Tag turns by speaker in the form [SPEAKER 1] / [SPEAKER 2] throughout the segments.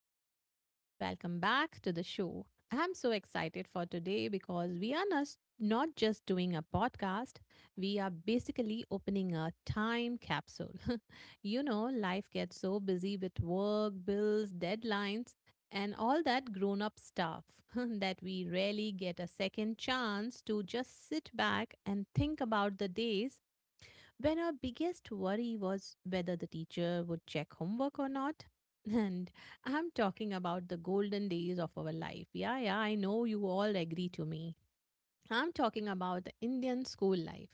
[SPEAKER 1] everyone, and welcome back to the show. I'm so excited for today because we are not just doing a podcast, we are basically opening a time capsule. You know, life gets so busy with work, bills, deadlines, and all that grown up stuff that we rarely get a second chance to just sit back and think about the days when our biggest worry was whether the teacher would check homework or not. And I'm talking about the golden days of our life. Yeah, yeah, I know you all agree to me. I'm talking about the Indian school life.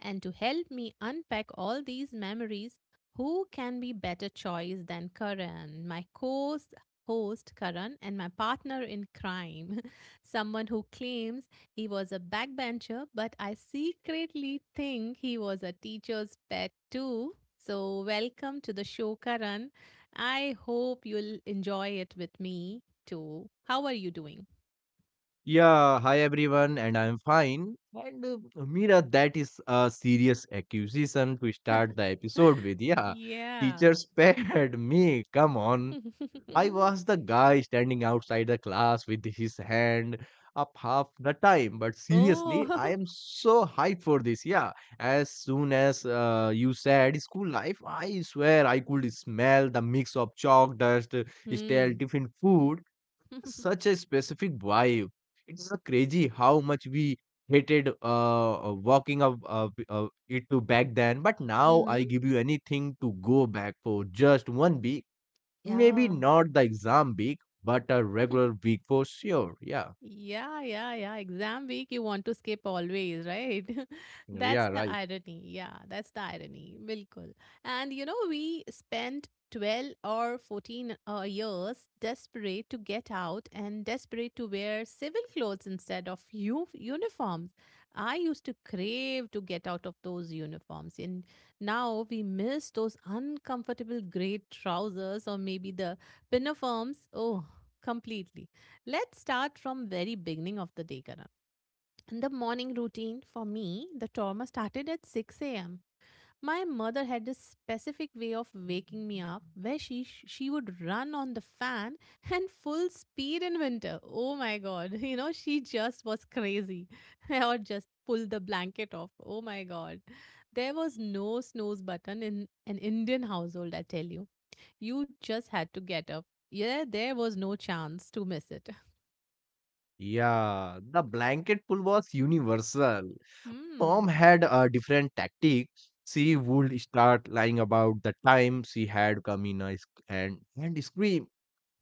[SPEAKER 1] And to help me unpack all these memories, who can be better choice than Karan, my co-host host Karan and my partner in crime, someone who claims he was a backbencher, but I secretly think he was a teacher's pet too. So, welcome to the show, Karan. I hope you'll enjoy it with me too. How are you doing?
[SPEAKER 2] Yeah, hi everyone, and I'm fine. And Mira, that is a serious accusation to start the episode with. Yeah,
[SPEAKER 1] Yeah.
[SPEAKER 2] teachers spared me. Come on. I was the guy standing outside the class with his hand up half the time. But seriously, I
[SPEAKER 1] Oh.
[SPEAKER 2] am so hyped for this. Yeah, as soon as you said school life, I swear I could smell the mix of chalk dust, stale
[SPEAKER 1] Hmm.
[SPEAKER 2] tiffin food such a specific vibe. It's crazy how much we hated walking up it to back then. But now I
[SPEAKER 1] Mhm.
[SPEAKER 2] give you anything to go back for just one week. Maybe
[SPEAKER 1] Yeah.
[SPEAKER 2] not the exam week, but a regular week for sure. Yeah.
[SPEAKER 1] Yeah, yeah, yeah. Exam week, you want to skip always, right? That's
[SPEAKER 2] Yeah,
[SPEAKER 1] the
[SPEAKER 2] right.
[SPEAKER 1] irony. Yeah, that's the irony. Bilkul. And you know, we spent 12 or 14 years desperate to get out and desperate to wear civil clothes instead of uniforms. I used to crave to get out of those uniforms. And now we miss those uncomfortable gray trousers or maybe the uniforms. Oh, completely. Let's start from very beginning of the day, Karan. In the morning routine for me, the trauma started at 6 a.m. My mother had this specific way of waking me up where she would run on the fan and full speed in winter. Oh my god, you know, she just was crazy. Or just pull the blanket off. Oh my god. There was no snooze button in an Indian household, I tell you. You just had to get up. Yeah, there was no chance to miss it.
[SPEAKER 2] Yeah, the blanket pull was universal. Mom
[SPEAKER 1] Hmm.
[SPEAKER 2] had a different tactic. She would start lying about the time she had come in a and scream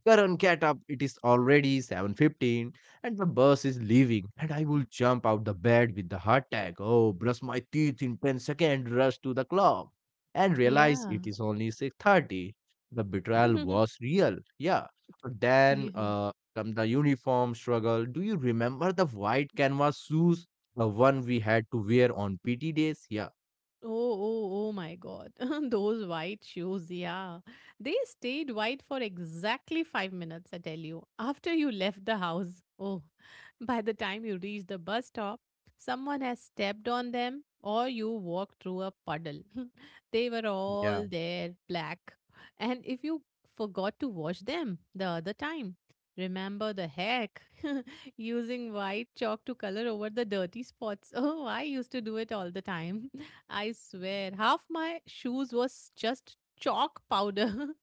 [SPEAKER 2] Karan, get up. It is already 7:15 and the bus is leaving and I will jump out the bed with the heart attack. Oh, brush my teeth in 10 seconds, rush to the clock and realize
[SPEAKER 1] Yeah.
[SPEAKER 2] it is only 6:30. The betrayal was real. Yeah. But then
[SPEAKER 1] Yeah.
[SPEAKER 2] come the uniform struggle. Do you remember the white canvas shoes? The one we had to wear on PT days? Yeah.
[SPEAKER 1] Oh, oh, oh my God. Those white shoes, yeah. They stayed white for exactly 5 minutes, I tell you, after you left the house. Oh, by the time you reached the bus stop, someone has stepped on them or you walked through a puddle. They were
[SPEAKER 2] Yeah.
[SPEAKER 1] all there, black. And if you forgot to wash them the other time, remember the heck using white chalk to color over the dirty spots. Oh, I used to do it all the time. I swear, half my shoes was just chalk powder.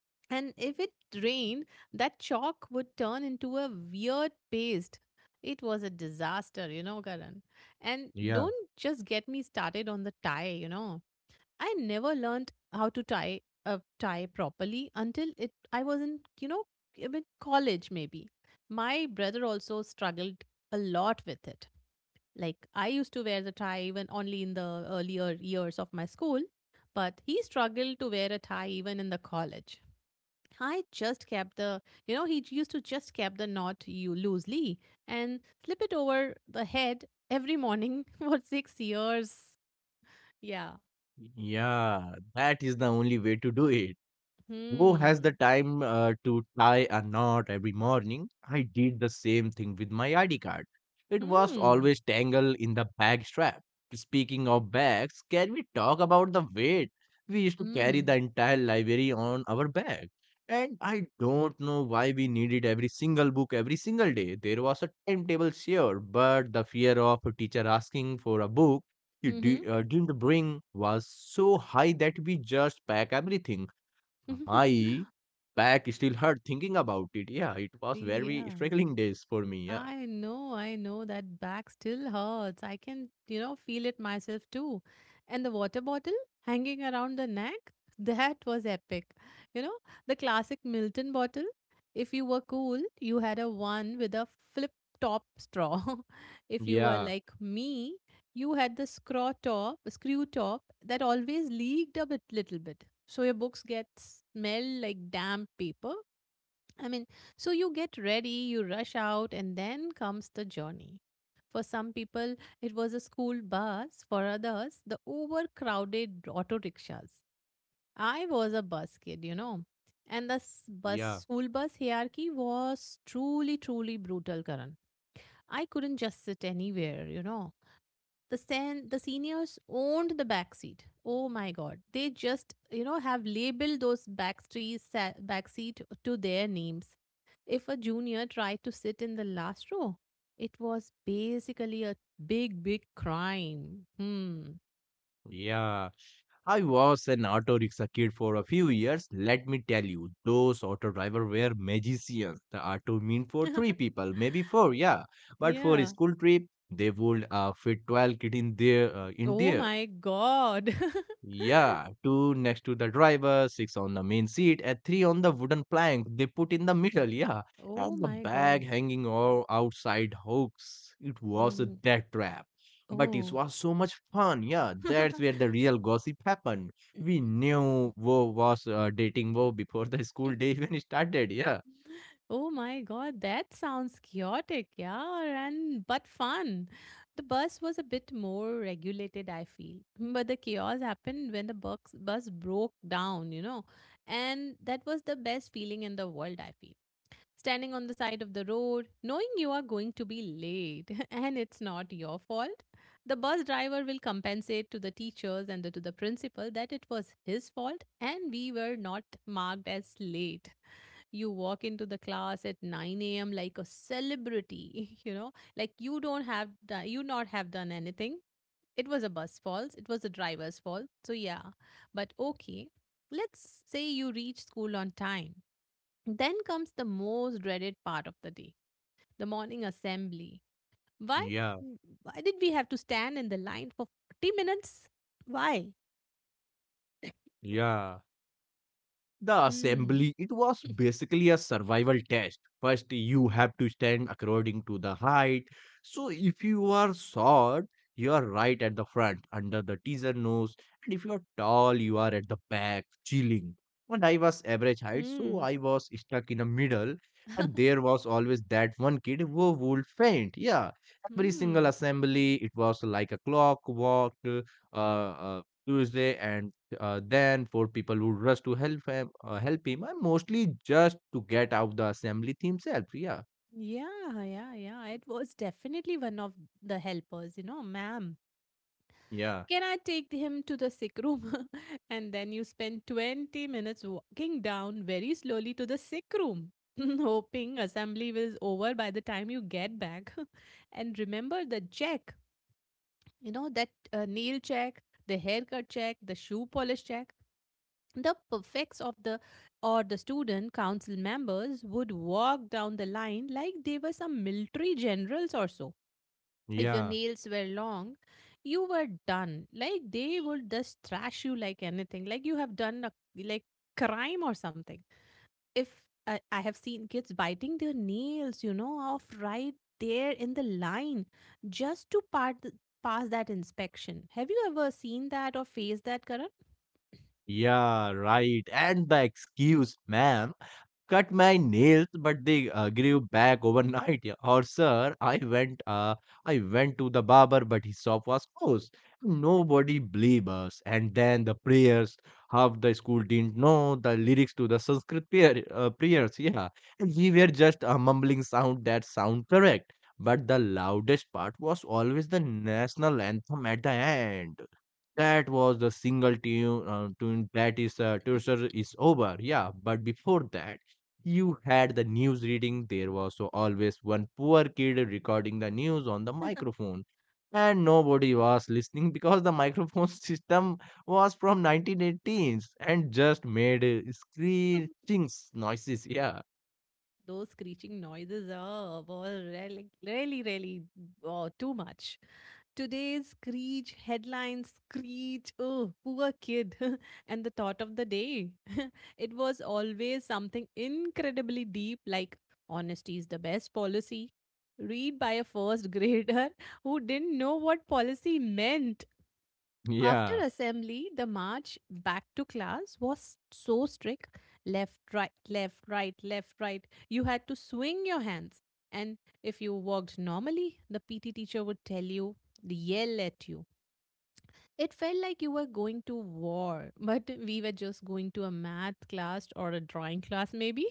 [SPEAKER 1] And if it rained, that chalk would turn into a weird paste. It was a disaster, you know, Karan. And
[SPEAKER 2] Yeah.
[SPEAKER 1] don't just get me started on the tie, you know. I never learned how to tie a tie properly until it I was in, you know, I mean, college maybe. My brother also struggled a lot with it. Like I used to wear the tie even only in the earlier years of my school, but he struggled to wear a tie even in the college. I just kept the, you know, he used to just kept the knot you loosely and slip it over the head every morning for 6 years. Yeah.
[SPEAKER 2] Yeah. That is the only way to do it. Who has the
[SPEAKER 1] Hmm.
[SPEAKER 2] time to tie a knot every morning? I did the same thing with my ID card. It was
[SPEAKER 1] Hmm.
[SPEAKER 2] always tangled in the bag strap. Speaking of bags, can we talk about the weight? We used to carry the
[SPEAKER 1] Hmm.
[SPEAKER 2] entire library on our bag. And I don't know why we needed every single book every single day. There was a timetable, sure, but the fear of a teacher asking for a book you
[SPEAKER 1] Mm-hmm.
[SPEAKER 2] di- uh, didn't bring was so high that we just packed everything my back still hurt thinking about it. Yeah, it was very
[SPEAKER 1] Yeah.
[SPEAKER 2] struggling days for me. Yeah,
[SPEAKER 1] I know that back still hurts. I can, you know, feel it myself too. And the water bottle hanging around the neck, that was epic. You know, the classic Milton bottle. If you were cool, you had a one with a flip top straw. If you were
[SPEAKER 2] yeah,
[SPEAKER 1] like me, you had the screw top that always leaked a bit, little bit. So your books get smell like damp paper. I mean, so you get ready, you rush out, and then comes the journey. For some people, it was a school bus. For others, the overcrowded auto rickshaws. I was a bus kid, you know. And the bus
[SPEAKER 2] yeah,
[SPEAKER 1] school bus hierarchy was truly, truly brutal, Karan. I couldn't just sit anywhere, you know, the the seniors owned the back seat. Oh my god, they just, you know, have labeled those back trees, back seat to their names. If a junior tried to sit in the last row, it was basically a big big crime. Hmm.
[SPEAKER 2] yeah. I was an auto rickshaw kid for a few years. Let me tell you, those auto drivers were magicians. The auto mean for three people, maybe four. Yeah, but for a
[SPEAKER 1] Yeah.
[SPEAKER 2] school trip, they would fit 12 kid in there.
[SPEAKER 1] Oh my god.
[SPEAKER 2] Yeah, two next to the driver, six on the main seat, and three on the wooden plank they put in the middle. Yeah,
[SPEAKER 1] Oh
[SPEAKER 2] and the
[SPEAKER 1] my god.
[SPEAKER 2] bag hanging all outside hooks. It was a
[SPEAKER 1] Mhm.
[SPEAKER 2] death trap, but it
[SPEAKER 1] Oh.
[SPEAKER 2] was so much fun. Yeah, that's where the real gossip happened. We knew Wo was dating Wo before the school day even started. Yeah,
[SPEAKER 1] Oh my god, that sounds chaotic, yeah, and but fun. The bus was a bit more regulated, I feel. But the chaos happened when the bus broke down, you know. And that was the best feeling in the world, I feel. Standing on the side of the road, knowing you are going to be late and it's not your fault. The bus driver will compensate to the teachers and the, to the principal that it was his fault and we were not marked as late. You walk into the class at 9 a.m like a celebrity, you know, like you don't have you not have done anything. It was a bus fault, it was the driver's fault, so yeah. But okay, let's say you reach school on time. Then comes the most dreaded part of the day, the morning assembly. Why?
[SPEAKER 2] yeah,
[SPEAKER 1] mm, why did we have to stand in the line for 40 minutes? Why?
[SPEAKER 2] yeah. The
[SPEAKER 1] Hmm.
[SPEAKER 2] assembly, it was basically a survival test. First, you have to stand according to the height. So, if you are short, you are right at the front under the teaser nose, and if you are tall, you are at the back, chilling. And I was average height, so
[SPEAKER 1] Hmm.
[SPEAKER 2] I was stuck in the middle, and there was always that one kid who would faint. Yeah, every single
[SPEAKER 1] Hmm.
[SPEAKER 2] assembly, it was like a clockwork Tuesday and than for people who rush to help him, and mostly just to get out the assembly himself. Yeah,
[SPEAKER 1] Yeah, yeah, yeah. It was definitely one of the helpers, you know, ma'am.
[SPEAKER 2] yeah,
[SPEAKER 1] Can I take him to the sick room? And then you spend 20 minutes walking down very slowly to the sick room, hoping assembly is over by the time you get back. And remember the check, you know, that nail check, the haircut check, the shoe polish check. The prefects of the or the student council members would walk down the line like they were some military generals or so. If your
[SPEAKER 2] yeah,
[SPEAKER 1] nails were long, you were done. Like they would just thrash you like anything. Like you have done a like crime or something. If I have seen kids biting their nails, you know, off right there in the line just to part the, pass that inspection. Have you ever seen that or faced that, Karan?
[SPEAKER 2] yeah, right. And the excuse, man, cut my nails, but they grew back overnight. Yeah. Or sir, I went to the barber, but his shop was closed. Nobody believed us. And then the prayers, half the school didn't know the lyrics to the Sanskrit prayers. Yeah, and we were just a mumbling sound that sound correct. But the loudest part was always the national anthem at the end that was the single tune that is Tourser is over. Yeah, but before that you had the news reading. There was so always one poor kid recording the news on the microphone and nobody was listening because the microphone system was from 1918s and just made screeching noises. Yeah,
[SPEAKER 1] Those screeching noises are oh, really, really, really oh, too much. Today's screech, headlines screech, oh, poor kid, and the thought of the day. It was always something incredibly deep, like honesty is the best policy. Read by a first grader who didn't know what policy meant. After
[SPEAKER 2] yeah,
[SPEAKER 1] assembly, the march back to class was so strict. Left, right, left, right, left, right. You had to swing your hands. And if you walked normally, the PT teacher would tell you, yell at you. It felt like you were going to war, but we were just going to a math class or a drawing class, maybe.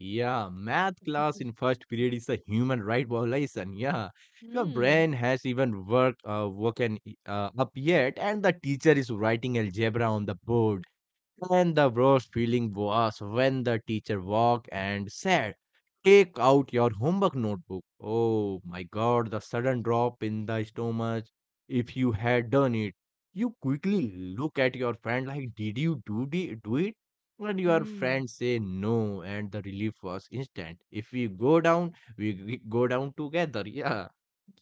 [SPEAKER 2] yeah, math class in first period is a human right violation. Yeah, your
[SPEAKER 1] Hmm.
[SPEAKER 2] brain has even worked woken up yet and the teacher is writing algebra on the board. And the worst feeling was when the teacher walked and said, take out your homework notebook. Oh my god, the sudden drop in the stomach. If you had done it, you quickly look at your friend like, did you do it? And your
[SPEAKER 1] Hmm.
[SPEAKER 2] friend say no, and the relief was instant. If we go down, we go down together. Yeah,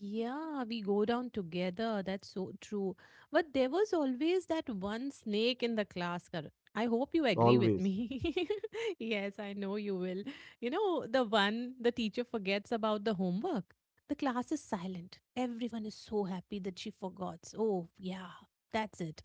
[SPEAKER 1] Yeah, we go down together. That's so true. But there was always that one snake in the class, Karan. I hope you agree with
[SPEAKER 2] always.
[SPEAKER 1] me. Yes, I know you will. You know, the one the teacher forgets about the homework. The class is silent. Everyone is so happy that she forgot. Oh, yeah, that's it.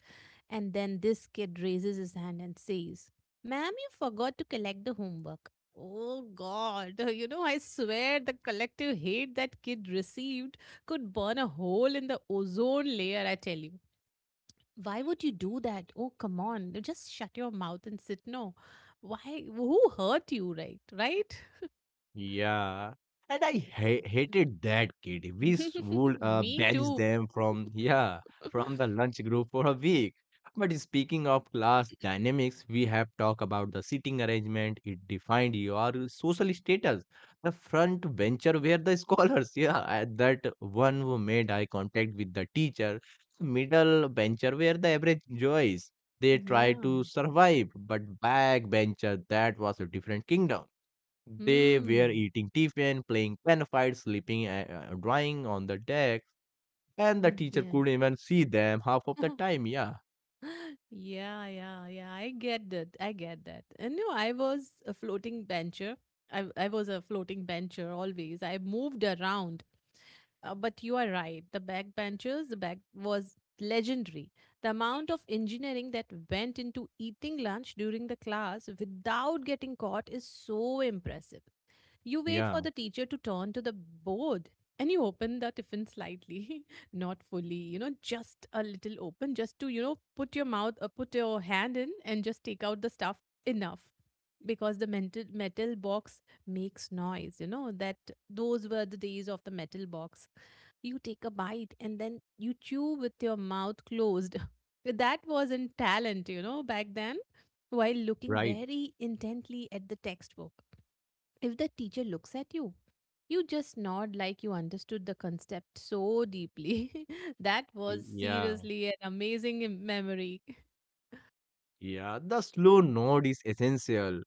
[SPEAKER 1] And then this kid raises his hand and says, Ma'am, you forgot to collect the homework. Oh God, you know, I swear the collective hate that kid received could burn a hole in the ozone layer, I tell you. Why would you do that? Oh, come on. Just shut your mouth and sit. No. Why? Who hurt you, right? Right?
[SPEAKER 2] Yeah. And I hated that kid. We would
[SPEAKER 1] Me
[SPEAKER 2] banish
[SPEAKER 1] too.
[SPEAKER 2] them from, yeah, from the lunch group for a week. But speaking of class dynamics, we have talked about the seating arrangement. It defined your social status. The front bencher were the scholars. Yeah, and that one who made eye contact with the teacher. Middle bencher were the average Joys. They tried
[SPEAKER 1] Yeah.
[SPEAKER 2] to survive, but back bencher, that was a different kingdom. They were
[SPEAKER 1] Hmm.
[SPEAKER 2] eating tiffin, playing pen fights, sleeping, and drawing on the deck, and the teacher
[SPEAKER 1] Yeah.
[SPEAKER 2] couldn't even see them half of the time. Yeah,
[SPEAKER 1] Yeah, yeah, yeah. I get that. I get that. And no, I was a floating bencher. I was a floating bencher always. I moved around. But you are right. The backbenchers, the back was legendary. The amount of engineering that went into eating lunch during the class without getting caught is so impressive. You wait for
[SPEAKER 2] yeah,
[SPEAKER 1] the teacher to turn to the board and you open the tiffin slightly, not fully, you know, just a little open, just to, you know, put your mouth or put your hand in and just take out the stuff enough, because the mental, metal box makes noise, you know, that those were the days of the metal box. You take a bite and then you chew with your mouth closed. That wasn't talent, you know, back then, while looking
[SPEAKER 2] right.
[SPEAKER 1] very intently at the textbook. If the teacher looks at you, you just nod like you understood the concept so deeply. That was
[SPEAKER 2] Yeah,
[SPEAKER 1] seriously an amazing memory.
[SPEAKER 2] yeah. The slow nod is essential.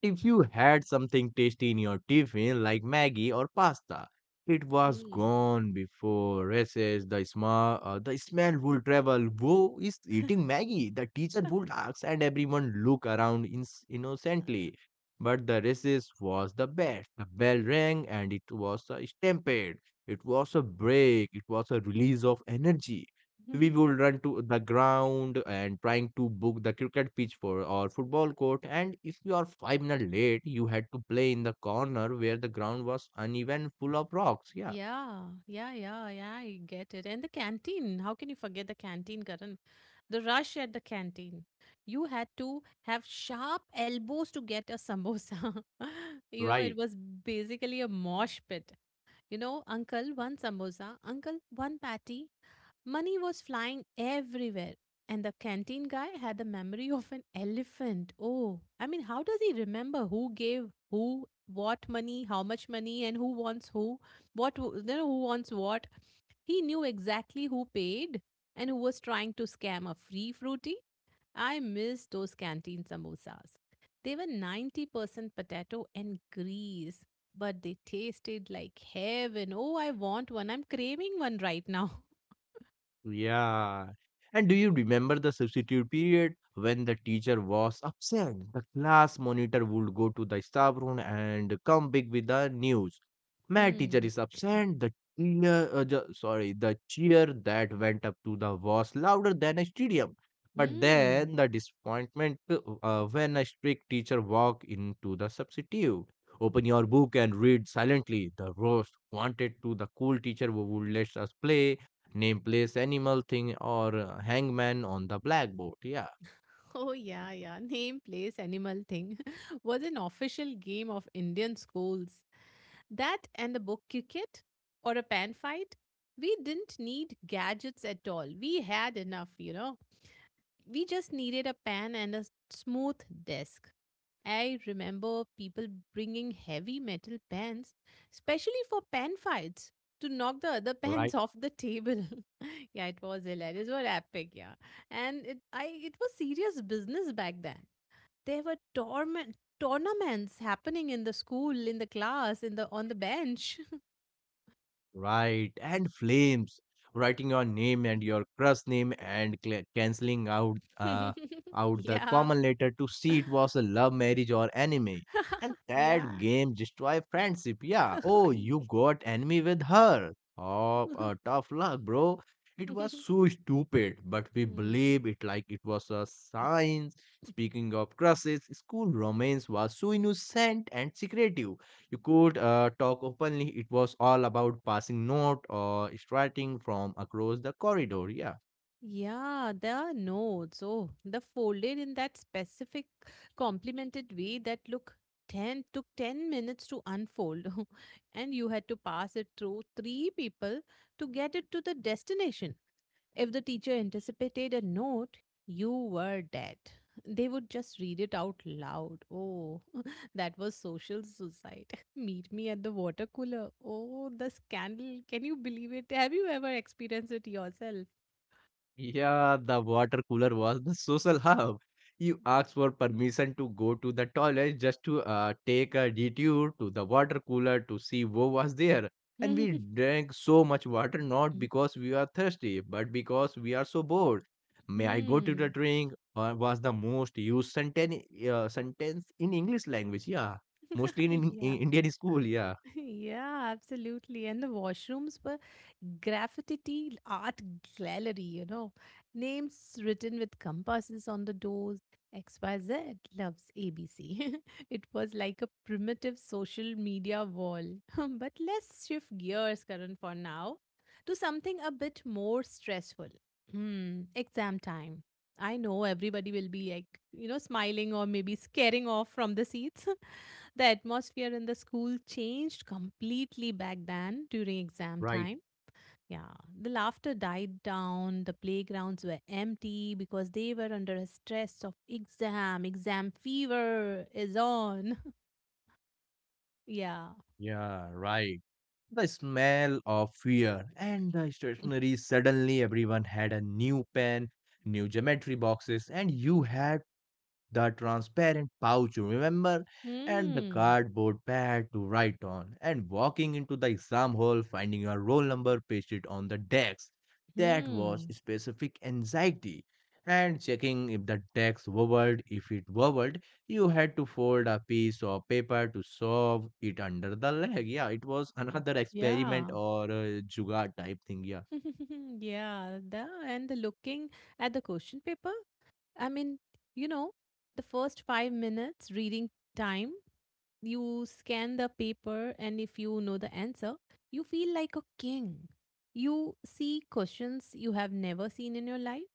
[SPEAKER 2] If you had something tasty in your tiffin like Maggie or pasta, it was
[SPEAKER 1] Mm.
[SPEAKER 2] gone before recess. The smell would travel. Who is eating Maggie? The teacher would ask, and everyone look around innocently. But the recess was the best. The bell rang, and it was a stampede. It was a break. It was a release of energy. We would run to the ground and trying to book the cricket pitch for or football court, and if you are 5 minutes late you had to play in the corner where the ground was uneven, full of rocks. Yeah,
[SPEAKER 1] Yeah, yeah, yeah, yeah, I get it. And the canteen. How can you forget the canteen, Karan? The rush at the canteen. You had to have sharp elbows to get a samosa. You know, it
[SPEAKER 2] right.
[SPEAKER 1] was basically a mosh pit. You know, uncle, one samosa, uncle, one patty, money was flying everywhere, and the canteen guy had the memory of an elephant. Oh, I mean, how does he remember who gave who what money, how much money, and who wants who? What w- you know, Who wants what? He knew exactly who paid and who was trying to scam a free fruity. I miss those canteen samosas. They were 90% potato and grease, but they tasted like heaven. Oh, I want one. I'm craving one right now.
[SPEAKER 2] Yeah. And do you remember the substitute period when the teacher was absent? The class monitor would go to the staff room and come back with the news. My teacher
[SPEAKER 1] Hmm.
[SPEAKER 2] is absent. The the cheer that went up to the was louder than a stadium. But
[SPEAKER 1] Hmm.
[SPEAKER 2] then the disappointment when a strict teacher walked into the substitute. Open your book and read silently. The roast wanted to the cool teacher who would let us play name place animal thing or hangman on the blackboard. Yeah,
[SPEAKER 1] Oh, yeah, yeah. Name, place, animal thing was an official game of Indian schools. That and the book cricket or a pan fight. We didn't need gadgets at all. We had enough, you know. We just needed a pen and a smooth desk. I remember people bringing heavy metal pens, especially for pen fights, to knock the other
[SPEAKER 2] right.
[SPEAKER 1] pens off the table. Yeah, it was hilarious. It was epic, yeah. And it was serious business back then. There were tournaments happening in the school, in the class, in the on the bench.
[SPEAKER 2] Right, and flames. Writing your name and your crush name and canceling out the
[SPEAKER 1] Yeah.
[SPEAKER 2] common letter to see it was a love marriage or enemy. And
[SPEAKER 1] Yeah.
[SPEAKER 2] that game destroy friendship. Yeah. Oh, you got enemy with her. Oh, tough luck, bro. It was so stupid, but we
[SPEAKER 1] Mm.
[SPEAKER 2] believe it like it was a sign. Speaking of crushes, school romance was so innocent and secretive you could talk openly. It was all about passing note or strutting from across the corridor. Yeah.
[SPEAKER 1] Yeah, there are nodes. Oh, the folded in that specific complemented way that look 10 took 10 minutes to unfold and you had to pass it through three people to get it to the destination. If the teacher anticipated a note, you were dead. They would just read it out loud. Oh, that was social suicide. Meet me at the water cooler. Oh, the scandal. Can you believe it? Have you ever experienced it yourself?
[SPEAKER 2] Yeah, the water cooler was the social hub. You asked for permission to go to the toilet just to take a detour to the water cooler to see who was there. And we drank so much water not because we are thirsty, but because we are so bored. May I go to the
[SPEAKER 1] Hmm.
[SPEAKER 2] drink? Was the most used sentence in English language. Yeah, mostly in
[SPEAKER 1] Yeah.
[SPEAKER 2] Indian school. Yeah,
[SPEAKER 1] Yeah, absolutely. And the washrooms were graffiti art gallery, you know, names written with compasses on the doors. XYZ loves ABC. It was like a primitive social media wall. But let's shift gears, Karan, for now to something a bit more stressful. Hmm, exam time. I know everybody will be like, you know, smiling or maybe scaring off from the seats. The atmosphere in the school changed completely back then during exam
[SPEAKER 2] right.
[SPEAKER 1] time. Yeah, the laughter died down, the playgrounds were empty because they were under a stress of exam, exam fever is on. Yeah.
[SPEAKER 2] Yeah, right. The smell of fear and the stationery. Suddenly, everyone had a new pen, new geometry boxes, and you had the transparent pouch you remember, and the
[SPEAKER 1] Hmm.
[SPEAKER 2] cardboard pad to write on, and walking into the exam hall finding your roll number pasted on the desk. That was
[SPEAKER 1] Hmm.
[SPEAKER 2] specific anxiety. And checking if the desk wobbled, if it wobbled, you had to fold a piece of paper to solve it under the leg. Yeah, it was another
[SPEAKER 1] Yeah.
[SPEAKER 2] experiment or a jugaad type thing. Yeah.
[SPEAKER 1] Yeah. And the looking at the question paper. I mean, you know, the first 5 minutes reading time, you scan the paper, and if you know the answer, you feel like a king. You see questions you have never seen in your life,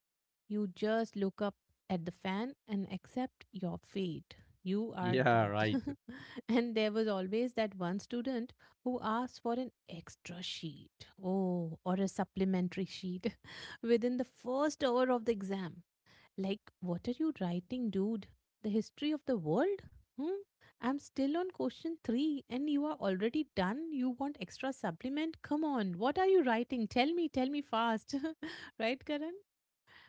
[SPEAKER 1] you just look up at the fan and accept your fate. You are
[SPEAKER 2] Yeah,
[SPEAKER 1] dead.
[SPEAKER 2] right.
[SPEAKER 1] And there was always that one student who asked for an extra sheet, oh, or a supplementary sheet within the first hour of the exam. Like, what are you writing, dude? The history of the world? Hmm? I'm still on question three and you are already done. You want extra supplement? Come on, what are you writing? Tell me fast. Right, Karan?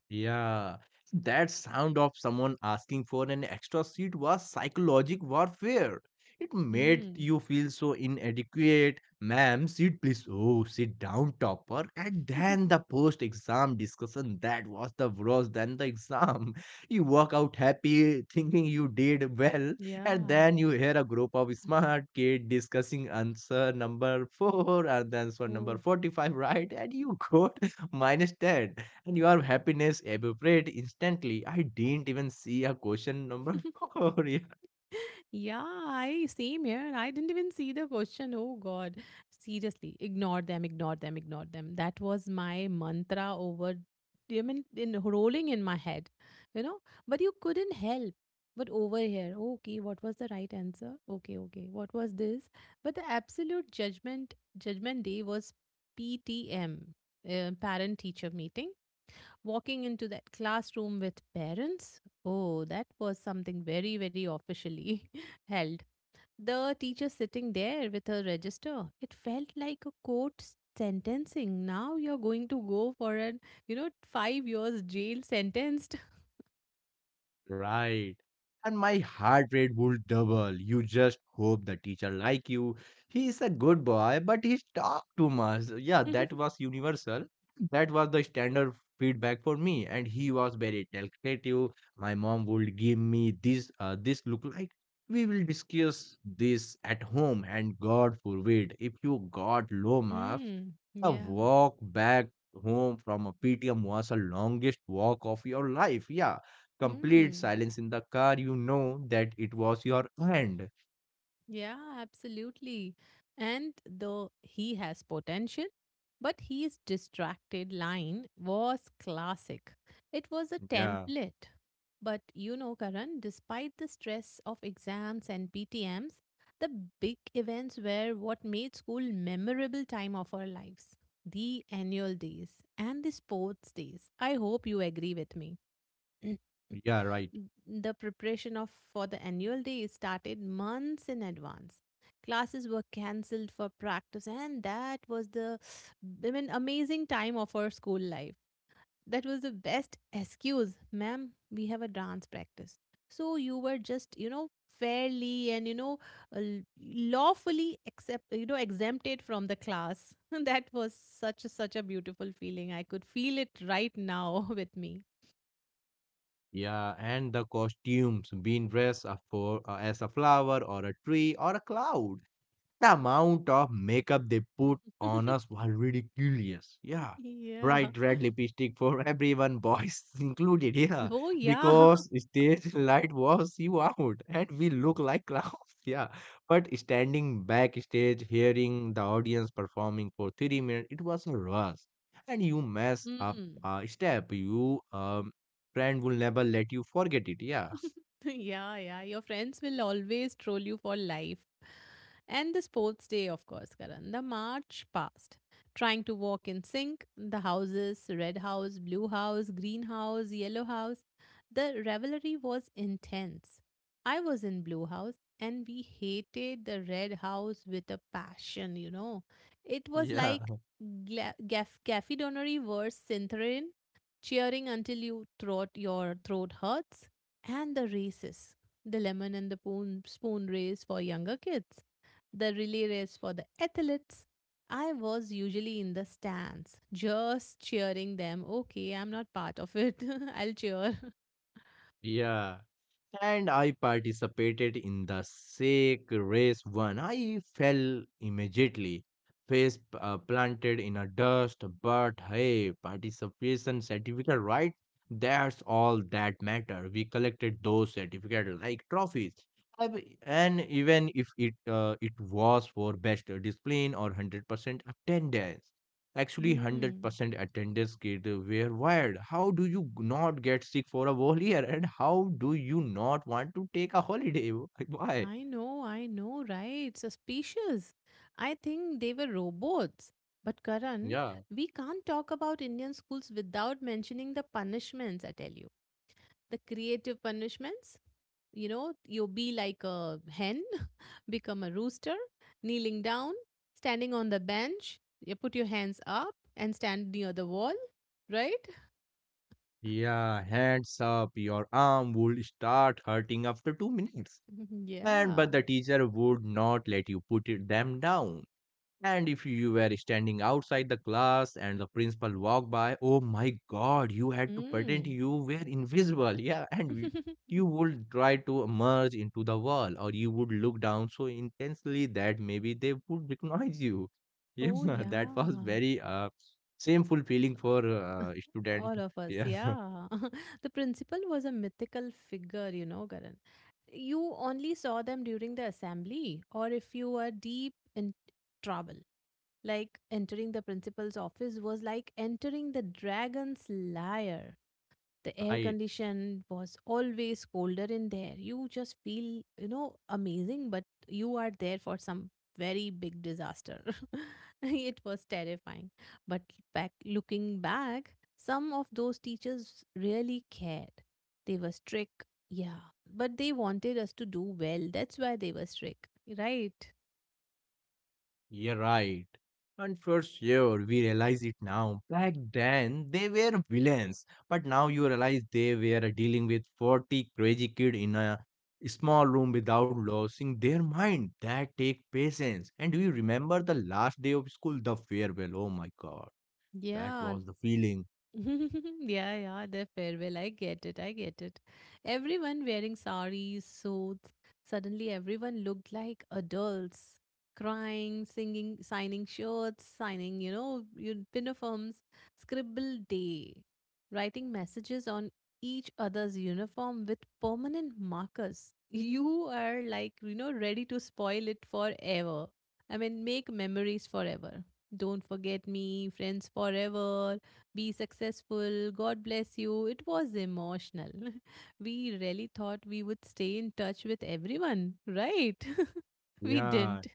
[SPEAKER 2] Yeah, that sound of someone asking for an extra seat was psychological warfare. It made
[SPEAKER 1] Hmm.
[SPEAKER 2] you feel so inadequate. Ma'am, sit please. Oh, sit down, topper. And then the post-exam discussion, that was the worst than the exam. You walk out happy, thinking you did well, and
[SPEAKER 1] Yeah.
[SPEAKER 2] then you hear a group of smart kids discussing answer number four and answer number
[SPEAKER 1] Oh.
[SPEAKER 2] 45, right? And you got minus ten and your happiness evaporate instantly. I didn't even see a question number four. Yeah.
[SPEAKER 1] Yeah, I same here. And I didn't even see the question. Oh God. Seriously. Ignore them, ignore them, ignore them. That was my mantra over, I mean, in rolling in my head. You know? But you couldn't help. But over here, okay, what was the right answer? Okay, okay. What was this? But the absolute judgment day was PTM, parent teacher meeting, walking into that classroom with parents. Oh, that was something very, very officially held. The teacher sitting there with her register. It felt like a court sentencing. Now you're going to go for an, you know, 5 years jail sentenced.
[SPEAKER 2] Right. And my heart rate would double. You just hope the teacher like you. He is a good boy, but he talk too much. Yeah, that was universal. That was the standard feedback for me. And he was very talkative. My mom would give me this. This look like we will discuss this at home. And God forbid, if you got low marks,
[SPEAKER 1] Mm,
[SPEAKER 2] a
[SPEAKER 1] yeah.
[SPEAKER 2] walk back home from a PTM was the longest walk of your life. Yeah, complete
[SPEAKER 1] Hmm.
[SPEAKER 2] silence in the car, you know that it was your aunt.
[SPEAKER 1] Yeah, absolutely. And though he has potential, but his distracted line was classic. It was a
[SPEAKER 2] Yeah,
[SPEAKER 1] template. But you know, Karan, despite the stress of exams and PTMs, the big events were what made school memorable time of our lives. The annual days and the sports days. I hope you agree with me.
[SPEAKER 2] yeah, right.
[SPEAKER 1] The preparation of for the annual day started months in advance. Classes were cancelled for practice, and that was the, I mean, amazing time of our school life. That was the best excuse, ma'am. We have a dance practice. So you were just, you know, fairly and, you know, lawfully accept, you know, exempted from the class. That was such a, such a beautiful feeling. I could feel it right now with me.
[SPEAKER 2] Yeah, and the costumes, being dressed up for as a flower or a tree or a cloud. The amount of makeup they put on us was ridiculous. Yeah.
[SPEAKER 1] Yeah.
[SPEAKER 2] Bright red lipstick for everyone, boys included. Yeah.
[SPEAKER 1] Oh, yeah.
[SPEAKER 2] Because stage light was you out and we look like clowns. Yeah. But standing backstage, hearing the audience performing for 3 minutes, it was a rush. And you mess up
[SPEAKER 1] Mm.
[SPEAKER 2] a step. You friend will never let you forget it. Yeah.
[SPEAKER 1] Yeah, yeah. Your friends will always troll you for life. And the sports day, of course, Karan. The march passed. Trying to walk in sync, the houses red house, blue house, green house, yellow house. The revelry was intense. I was in blue house and we hated the red house with a passion, you know. It was
[SPEAKER 2] Yeah.
[SPEAKER 1] like Gaffy Donnery versus Cintherin, cheering until your throat hurts, and the races. The lemon and the spoon race for younger kids, the relay race for the athletes. I was usually in the stands, just cheering them. Okay, I'm not part of it. I'll cheer.
[SPEAKER 2] Yeah. And I participated in the sake race one. I fell immediately, face planted in a dust. But hey, participation certificate, right? That's all that matter. We collected those certificates like trophies. And even if it was for best discipline or 100% attendance. Actually,
[SPEAKER 1] Hmm.
[SPEAKER 2] 100% attendance kit were wired. How do you not get sick for a whole year? And how do you not want to take a holiday? Why?
[SPEAKER 1] I know, right? Suspicious. I think they were robots. But Karan,
[SPEAKER 2] Yeah.
[SPEAKER 1] we can't talk about Indian schools without mentioning the punishments, I tell you. The creative punishments, you know, you be like a hen, become a rooster, kneeling down, standing on the bench, you put your hands up and stand near the wall, right?
[SPEAKER 2] Yeah, hands up. Your arm would start hurting after 2 minutes. And
[SPEAKER 1] Yeah.
[SPEAKER 2] but the teacher would not let you put them down. And if you were standing outside the class and the principal walked by, oh my god, you had to pretend
[SPEAKER 1] Mm.
[SPEAKER 2] you were invisible. Yeah, and you would try to merge into the wall or you would look down so intensely that maybe they would recognize you. Yeah,
[SPEAKER 1] Oh
[SPEAKER 2] that was
[SPEAKER 1] yeah.
[SPEAKER 2] very shameful feeling for student.
[SPEAKER 1] All of us,
[SPEAKER 2] Yeah,
[SPEAKER 1] yeah. The principal was a mythical figure, you know, garan. You only saw them during the assembly or if you were deep in trouble. Like entering the principal's office was like entering the dragon's lair. The air
[SPEAKER 2] right.
[SPEAKER 1] condition was always colder in there. You just feel, you know, amazing, but you are there for some very big disaster. It was terrifying. But back looking back, some of those teachers really cared. They were strict, yeah, but they wanted us to do well. That's why they were strict, right?
[SPEAKER 2] Yeah, right. And for sure, we realize it now. Back then, they were villains, but now you realize they were dealing with 40 crazy kids in a small room without losing their mind. That take patience. And do you remember the last day of school, the farewell? Oh my God, that
[SPEAKER 1] Yeah,
[SPEAKER 2] was the feeling.
[SPEAKER 1] yeah, yeah, the farewell. I get it. I get it. Everyone wearing saris, suits. Suddenly, everyone looked like adults, crying, singing, signing shirts, signing, you know, your uniforms, scribble day, writing messages on each other's uniform with permanent markers. You are like, you know, ready to spoil it forever. I mean, make memories forever. Don't forget me, friends forever, be successful, God bless you. It was emotional. We really thought we would stay in touch with everyone, right? We
[SPEAKER 2] Yeah,
[SPEAKER 1] didn't.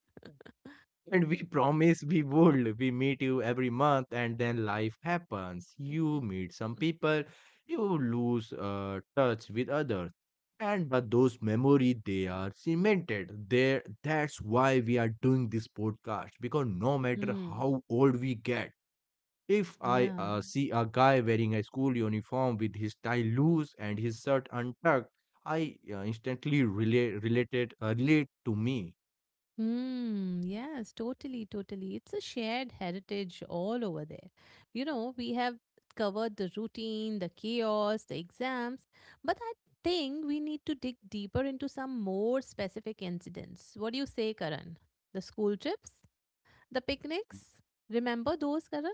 [SPEAKER 2] and we promise we would. We meet you every month, and then life happens. You meet some people, you lose touch with others. And but those memories, they are cemented. There, that's why we are doing this podcast. Because no matter
[SPEAKER 1] Mm,
[SPEAKER 2] how old we get, if I
[SPEAKER 1] yeah.
[SPEAKER 2] see a guy wearing a school uniform with his tie loose and his shirt untucked, I instantly relate to me.
[SPEAKER 1] Mm, yes, totally, totally. It's a shared heritage all over there. You know, we have covered the routine, the chaos, the exams, but I think we need to dig deeper into some more specific incidents. What do you say, Karan? The school trips? The picnics? Remember those, Karan?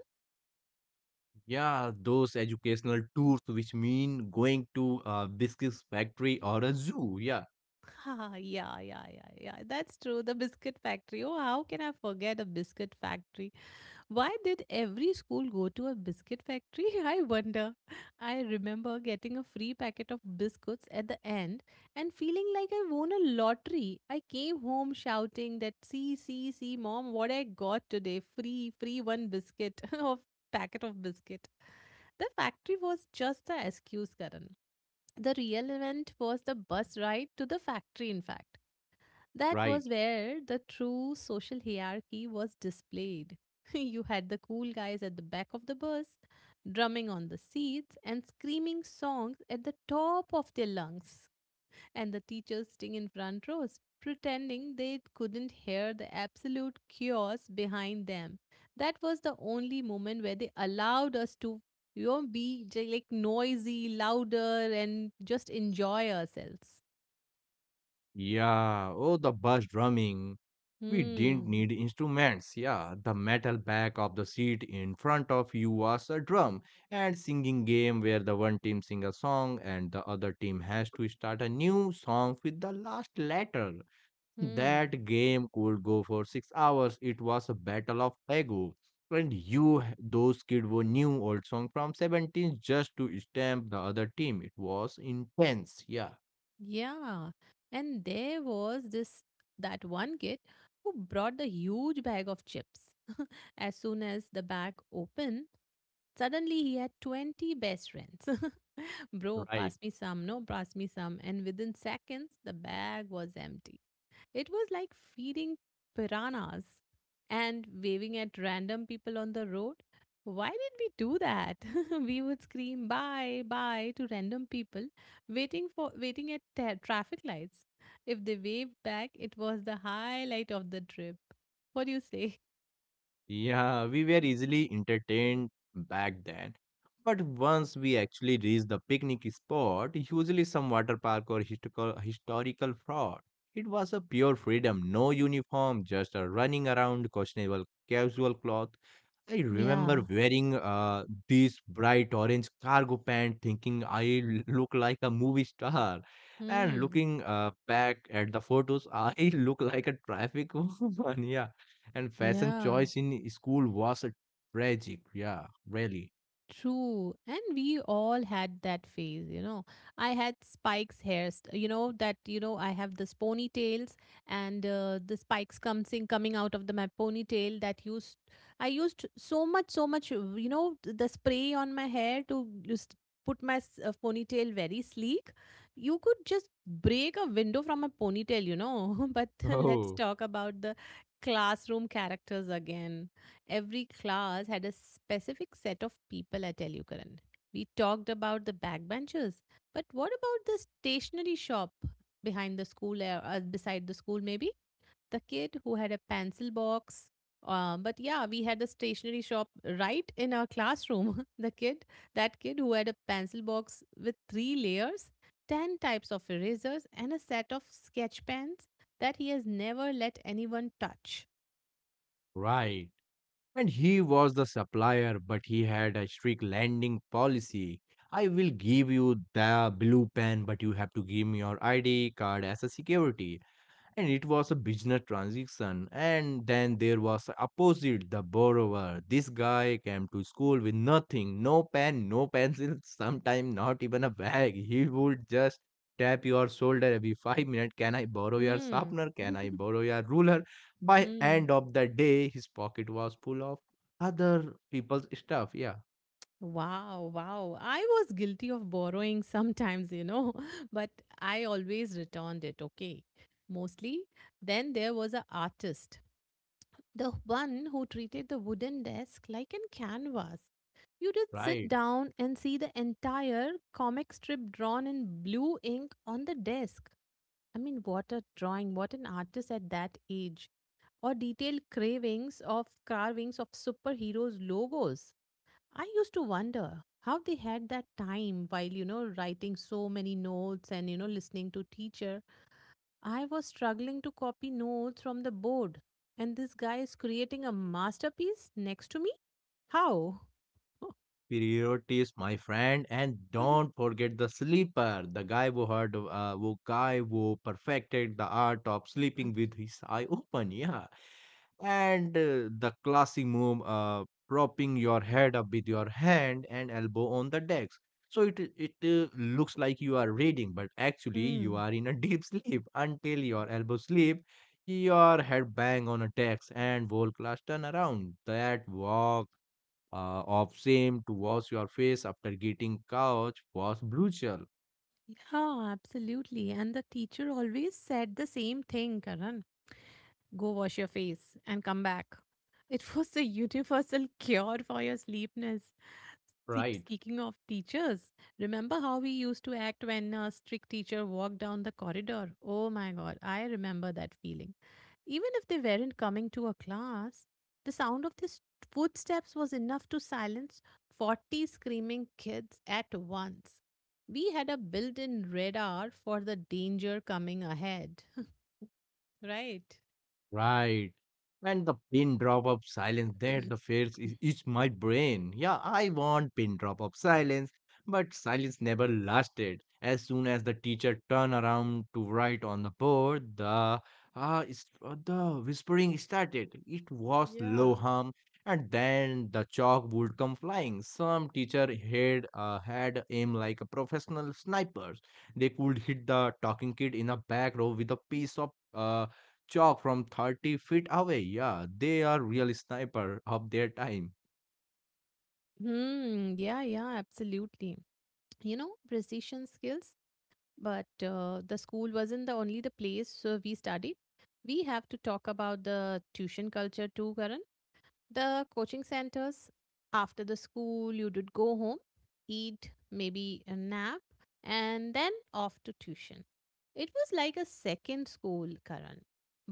[SPEAKER 2] Yeah, those educational tours, which mean going to a biscuits factory or a zoo. Yeah,
[SPEAKER 1] Ha, yeah, yeah, yeah, yeah. That's true. The biscuit factory. Oh, how can I forget a biscuit factory? Why did every school go to a biscuit factory? I wonder. I remember getting a free packet of biscuits at the end and feeling like I won a lottery. I came home shouting that, see, see, see, mom, what I got today. Free, free one biscuit of packet of biscuit. The factory was just the excuse, Karan. The real event was the bus ride to the factory, in fact. That was
[SPEAKER 2] right.
[SPEAKER 1] where the true social hierarchy was displayed. You had the cool guys at the back of the bus, drumming on the seats and screaming songs at the top of their lungs, and the teachers sitting in front rows, pretending they couldn't hear the absolute chaos behind them. That was the only moment where they allowed us to, you know, like noisy, louder, and just enjoy ourselves.
[SPEAKER 2] Yeah, oh, the bus drumming. We didn't
[SPEAKER 1] Hmm.
[SPEAKER 2] need instruments. Yeah, the metal back of the seat in front of you was a drum, and singing game where the one team sing a song and the other team has to start a new song with the last letter.
[SPEAKER 1] Hmm.
[SPEAKER 2] That game could go for 6 hours. It was a battle of ego. And you, those kids were new old song from 17 just to stamp the other team. It was intense. Yeah,
[SPEAKER 1] Yeah. And there was this that one kid who brought the huge bag of chips. As soon as the bag opened, suddenly, he had 20 best friends. Bro,
[SPEAKER 2] right.
[SPEAKER 1] pass me some. No, pass me some. And within seconds, the bag was empty. It was like feeding piranhas and waving at random people on the road. Why did we do that? We would scream bye, bye to random people waiting at traffic lights. If they waved back, it was the highlight of the trip. What do you say?
[SPEAKER 2] Yeah, we were easily entertained back then. But once we actually reached the picnic spot, usually some water park or historical fraud, it was a pure freedom. No uniform, just a running around questionable casual cloth. I remember
[SPEAKER 1] Yeah.
[SPEAKER 2] wearing this bright orange cargo pant, thinking I look like a movie star. And
[SPEAKER 1] Hmm.
[SPEAKER 2] looking back at the photos, I look like a traffic woman. Yeah. And fashion
[SPEAKER 1] Yeah.
[SPEAKER 2] choice in school was a tragic. Yeah, really.
[SPEAKER 1] True. And we all had that phase, you know. I had spikes hairs, you know, that, you know, I have this ponytails and the spikes comes in, coming out of the my ponytail that I used so much, so much, you know, the spray on my hair to just put my ponytail very sleek. You could just break a window from a ponytail, you know. But let's
[SPEAKER 2] Oh,
[SPEAKER 1] talk about the classroom characters again. Every class had a specific set of people at Elukaran. We talked about the backbenchers, but what about the stationery shop behind the school, or beside the school, maybe? The kid who had a pencil box. But yeah, we had a stationery shop right in our classroom. That kid who had a pencil box with three layers, 10 types of erasers, and a set of sketch pens that he has never let anyone touch.
[SPEAKER 2] right. And he was the supplier, but he had a strict landing policy. I will give you the blue pen, but you have to give me your ID card as a security, and it was a business transaction. And then there was opposite, the borrower, this guy came to school with nothing, no pen, no pencil. Sometimes not even a bag, he would just tap your shoulder every 5 minutes. Can I borrow your
[SPEAKER 1] Hmm.
[SPEAKER 2] sharpener? Can I borrow your ruler? By
[SPEAKER 1] hmm.
[SPEAKER 2] end of the day, his pocket was full of other people's stuff. Yeah,
[SPEAKER 1] Wow, wow. I was guilty of borrowing sometimes, you know, but I always returned it, okay? Mostly. Then there was a artist, the one who treated the wooden desk like an canvas. You did sit
[SPEAKER 2] right.
[SPEAKER 1] down and see the entire comic strip drawn in blue ink on the desk. I mean, what a drawing, what an artist at that age. Or detailed cravings of carvings of superheroes' logos. I used to wonder how they had that time while, you know, writing so many notes and, you know, listening to teacher. I was struggling to copy notes from the board. And this guy is creating a masterpiece next to me? How?
[SPEAKER 2] Priorities, my friend. And don't forget the sleeper, the guy who heard, who guy who perfected the art of sleeping with his eye open, yeah, and the classy move, propping your head up with your hand and elbow on the desk. So it looks like you are reading, but actually you
[SPEAKER 1] Hmm.
[SPEAKER 2] are in a deep sleep until your elbow slip, your head bang on a desk, and whole class turn around. That walk of shame to wash your face after getting couch was brutal,
[SPEAKER 1] Yeah, absolutely. And the teacher always said the same thing, Karan. Go wash your face and come back. It was the universal cure for your sleepiness.
[SPEAKER 2] right?
[SPEAKER 1] Speaking of teachers, remember how we used to act when a strict teacher walked down the corridor? Oh my god, I remember that feeling. Even if they weren't coming to a class, the sound of these footsteps was enough to silence 40 screaming kids at once. We had a built in radar for the danger coming ahead, right?
[SPEAKER 2] Right. And the pin drop of silence that
[SPEAKER 1] Mhm.
[SPEAKER 2] the face
[SPEAKER 1] Mm.
[SPEAKER 2] is my brain. Yeah, I want pin drop of silence, but silence never lasted. As soon as the teacher turned around to write on the board, the the whispering started. It was low
[SPEAKER 1] Yeah.
[SPEAKER 2] hum, and then the chalk would come flying. Some teacher had aim like a professional snipers. They could hit the talking kid in the back row with a piece of chalk from 30 feet away. Yeah, they are real sniper of their time.
[SPEAKER 1] Hmm. Yeah, yeah, absolutely. You know, precision skills, but the school wasn't the only the place we studied. We have to talk about the tuition culture too, Karan. The coaching centers. After the school you did go home, eat, maybe a nap, and then off to tuition. It was like a second school, Karan,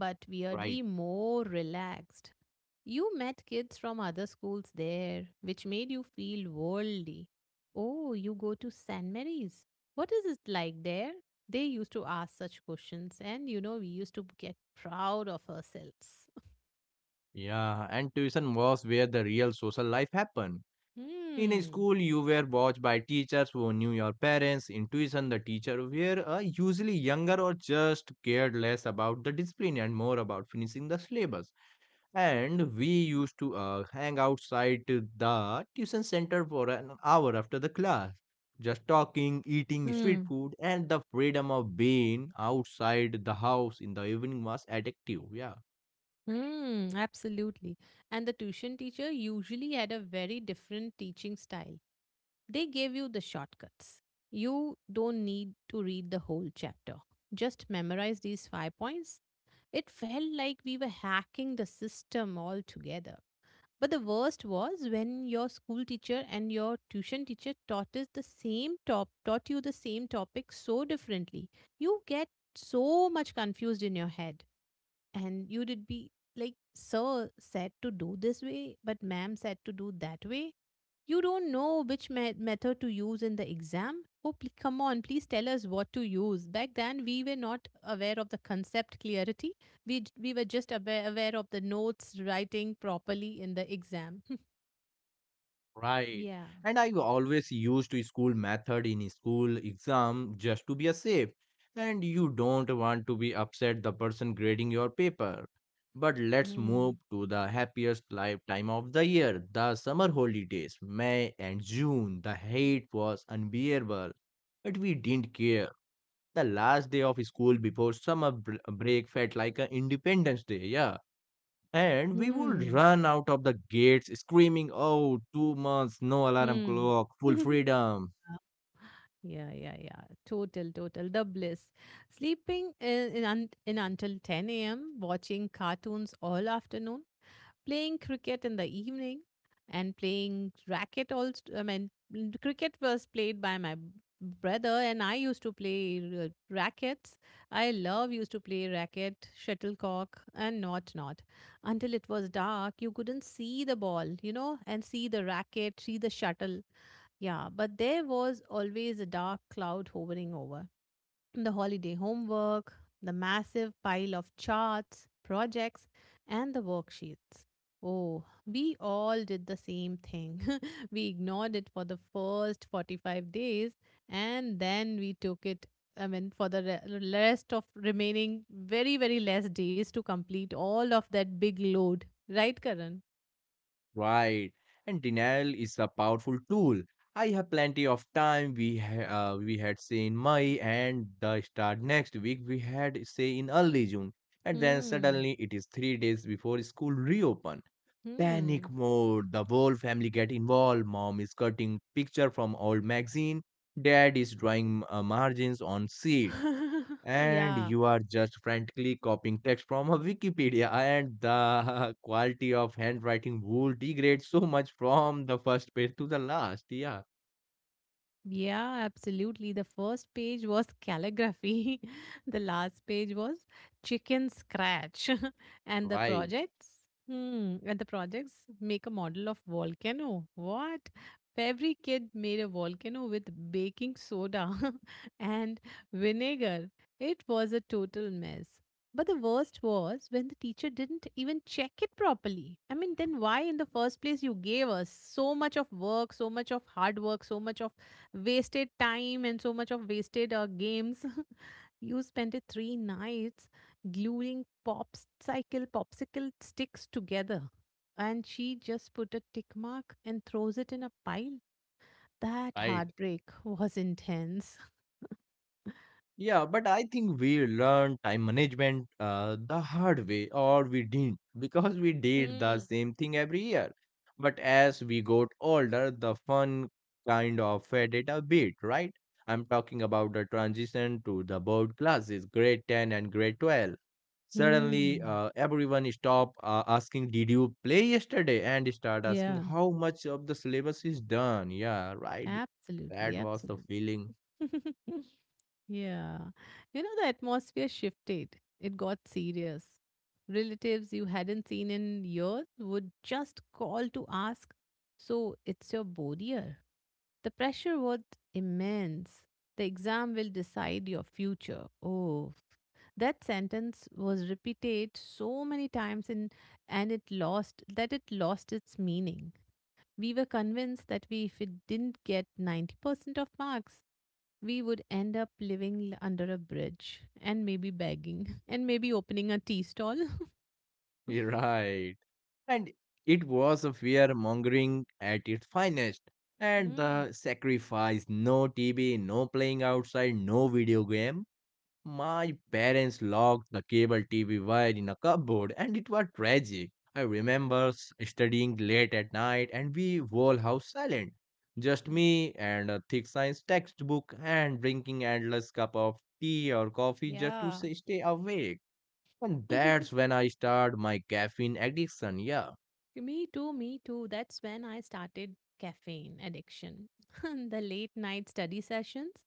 [SPEAKER 1] but weirdly
[SPEAKER 2] Right.
[SPEAKER 1] more relaxed. You met kids from other schools there, which made you feel worldly. Oh, you go to San Mary's, what is it like there? They used to ask such questions, and you know, we used to get proud of ourselves.
[SPEAKER 2] Yeah, and tuition was where the real social life happened. In a
[SPEAKER 1] hmm.
[SPEAKER 2] school, you were watched by teachers who knew your parents. In tuition, the teacher were usually younger or just cared less about the discipline and more about finishing the syllabus. And we used to hang outside the tuition center for an hour after the class, just talking, eating street
[SPEAKER 1] Hmm.
[SPEAKER 2] food, and the freedom of being outside the house in the evening was addictive. Yeah.
[SPEAKER 1] Mm, absolutely. And the tuition teacher usually had a very different teaching style. They gave you the shortcuts. You don't need to read the whole chapter. Just memorize these 5 points. It felt like we were hacking the system altogether. But the worst was when your school teacher and your tuition teacher taught you the same topic so differently. You get so much confused in your head, and you would be like, sir said to do this way but ma'am said to do that way. You don't know which method to use in the exam. Oh come on, please tell us what to use. Back then we were not aware of the concept clarity. We were just aware of the notes writing properly in the exam.
[SPEAKER 2] Right.
[SPEAKER 1] yeah.
[SPEAKER 2] And I always used school method in school exam just to be a safe. And you don't want to be upset the person grading your paper. But let's
[SPEAKER 1] Hmm.
[SPEAKER 2] move to the happiest lifetime of the year, the summer holidays, May and June. The heat was unbearable, but we didn't care. The last day of school before summer break felt like an Independence Day, yeah, and we would
[SPEAKER 1] Hmm.
[SPEAKER 2] run out of the gates screaming, "Oh, 2 months, no alarm
[SPEAKER 1] Hmm.
[SPEAKER 2] clock, full freedom."
[SPEAKER 1] Yeah, yeah, yeah. Total, total. The bliss. Sleeping in until 10 a.m., watching cartoons all afternoon, playing cricket in the evening, and playing racket also. I mean, cricket was played by my brother, and I used to play rackets. I love used to play racket, shuttlecock, and not. Until it was dark, you couldn't see the ball, you know, and see the racket, see the shuttle, yeah, but there was always a dark cloud hovering over the holiday homework, the massive pile of charts, projects, and the worksheets. Oh, we all did the same thing. We ignored it for the first 45 days and then we took it, I mean, for the rest of remaining very, very less days to complete all of that big load. Right, Karan?
[SPEAKER 2] Right. And denial is a powerful tool. I have plenty of time. We had say in May and the start next week. We had say in early June, and then
[SPEAKER 1] Hmm.
[SPEAKER 2] suddenly it is 3 days before school reopen. Panic
[SPEAKER 1] Hmm.
[SPEAKER 2] mode. The whole family get involved. Mom is cutting picture from old magazine. Dad is drawing margins on seat, and
[SPEAKER 1] yeah.
[SPEAKER 2] you are just frantically copying text from a Wikipedia, and the quality of handwriting would degrade so much from the first page to the last. Yeah,
[SPEAKER 1] Yeah, absolutely. The first page was calligraphy, the last page was chicken scratch, and the
[SPEAKER 2] right,
[SPEAKER 1] projects. Hmm, and the projects, make a model of volcano. What? Every kid made a volcano with baking soda and vinegar. It was a total mess. But the worst was when the teacher didn't even check it properly. I mean, then why in the first place you gave us so much of work, so much of hard work, so much of wasted time and so much of wasted games. You spent it three nights gluing popsicle sticks together, and she just put a tick mark and throws it in a pile. That
[SPEAKER 2] right.
[SPEAKER 1] heartbreak was intense.
[SPEAKER 2] Yeah, but I think we learned time management the hard way, or we didn't, because we did the
[SPEAKER 1] Mm.
[SPEAKER 2] same thing every year. But as we got older, the fun kind of faded a bit, right? I'm talking about the transition to the board classes, grade 10 and grade 12. Suddenly,
[SPEAKER 1] Mm.
[SPEAKER 2] everyone stopped asking, "Did you play yesterday?" and start asking,
[SPEAKER 1] Yeah,
[SPEAKER 2] "How much of the syllabus is done?" Yeah, right.
[SPEAKER 1] absolutely,
[SPEAKER 2] That was the
[SPEAKER 1] absolutely.
[SPEAKER 2] feeling.
[SPEAKER 1] Yeah. You know, the atmosphere shifted. It got serious. Relatives you hadn't seen in years would just call to ask, so it's your bodier. The pressure was immense. The exam will decide your future. Oh, that sentence was repeated so many times in, and it lost its meaning. We were convinced that we, if it didn't get 90% of marks, we would end up living under a bridge and maybe begging and maybe opening a tea stall.
[SPEAKER 2] Right. And it was a fear mongering at its finest. And
[SPEAKER 1] Mm,
[SPEAKER 2] the sacrifice: no TV, no playing outside, no video game. My parents locked the cable TV wire in a cupboard, and it was tragic. I remember studying late at night, and we whole house silent. Just me and a thick science textbook, and drinking endless cup of tea or coffee just to
[SPEAKER 1] yeah.
[SPEAKER 2] say, stay awake. And that's when I started my caffeine addiction. Yeah.
[SPEAKER 1] Me too, me too. That's when I started caffeine addiction. The late night study sessions.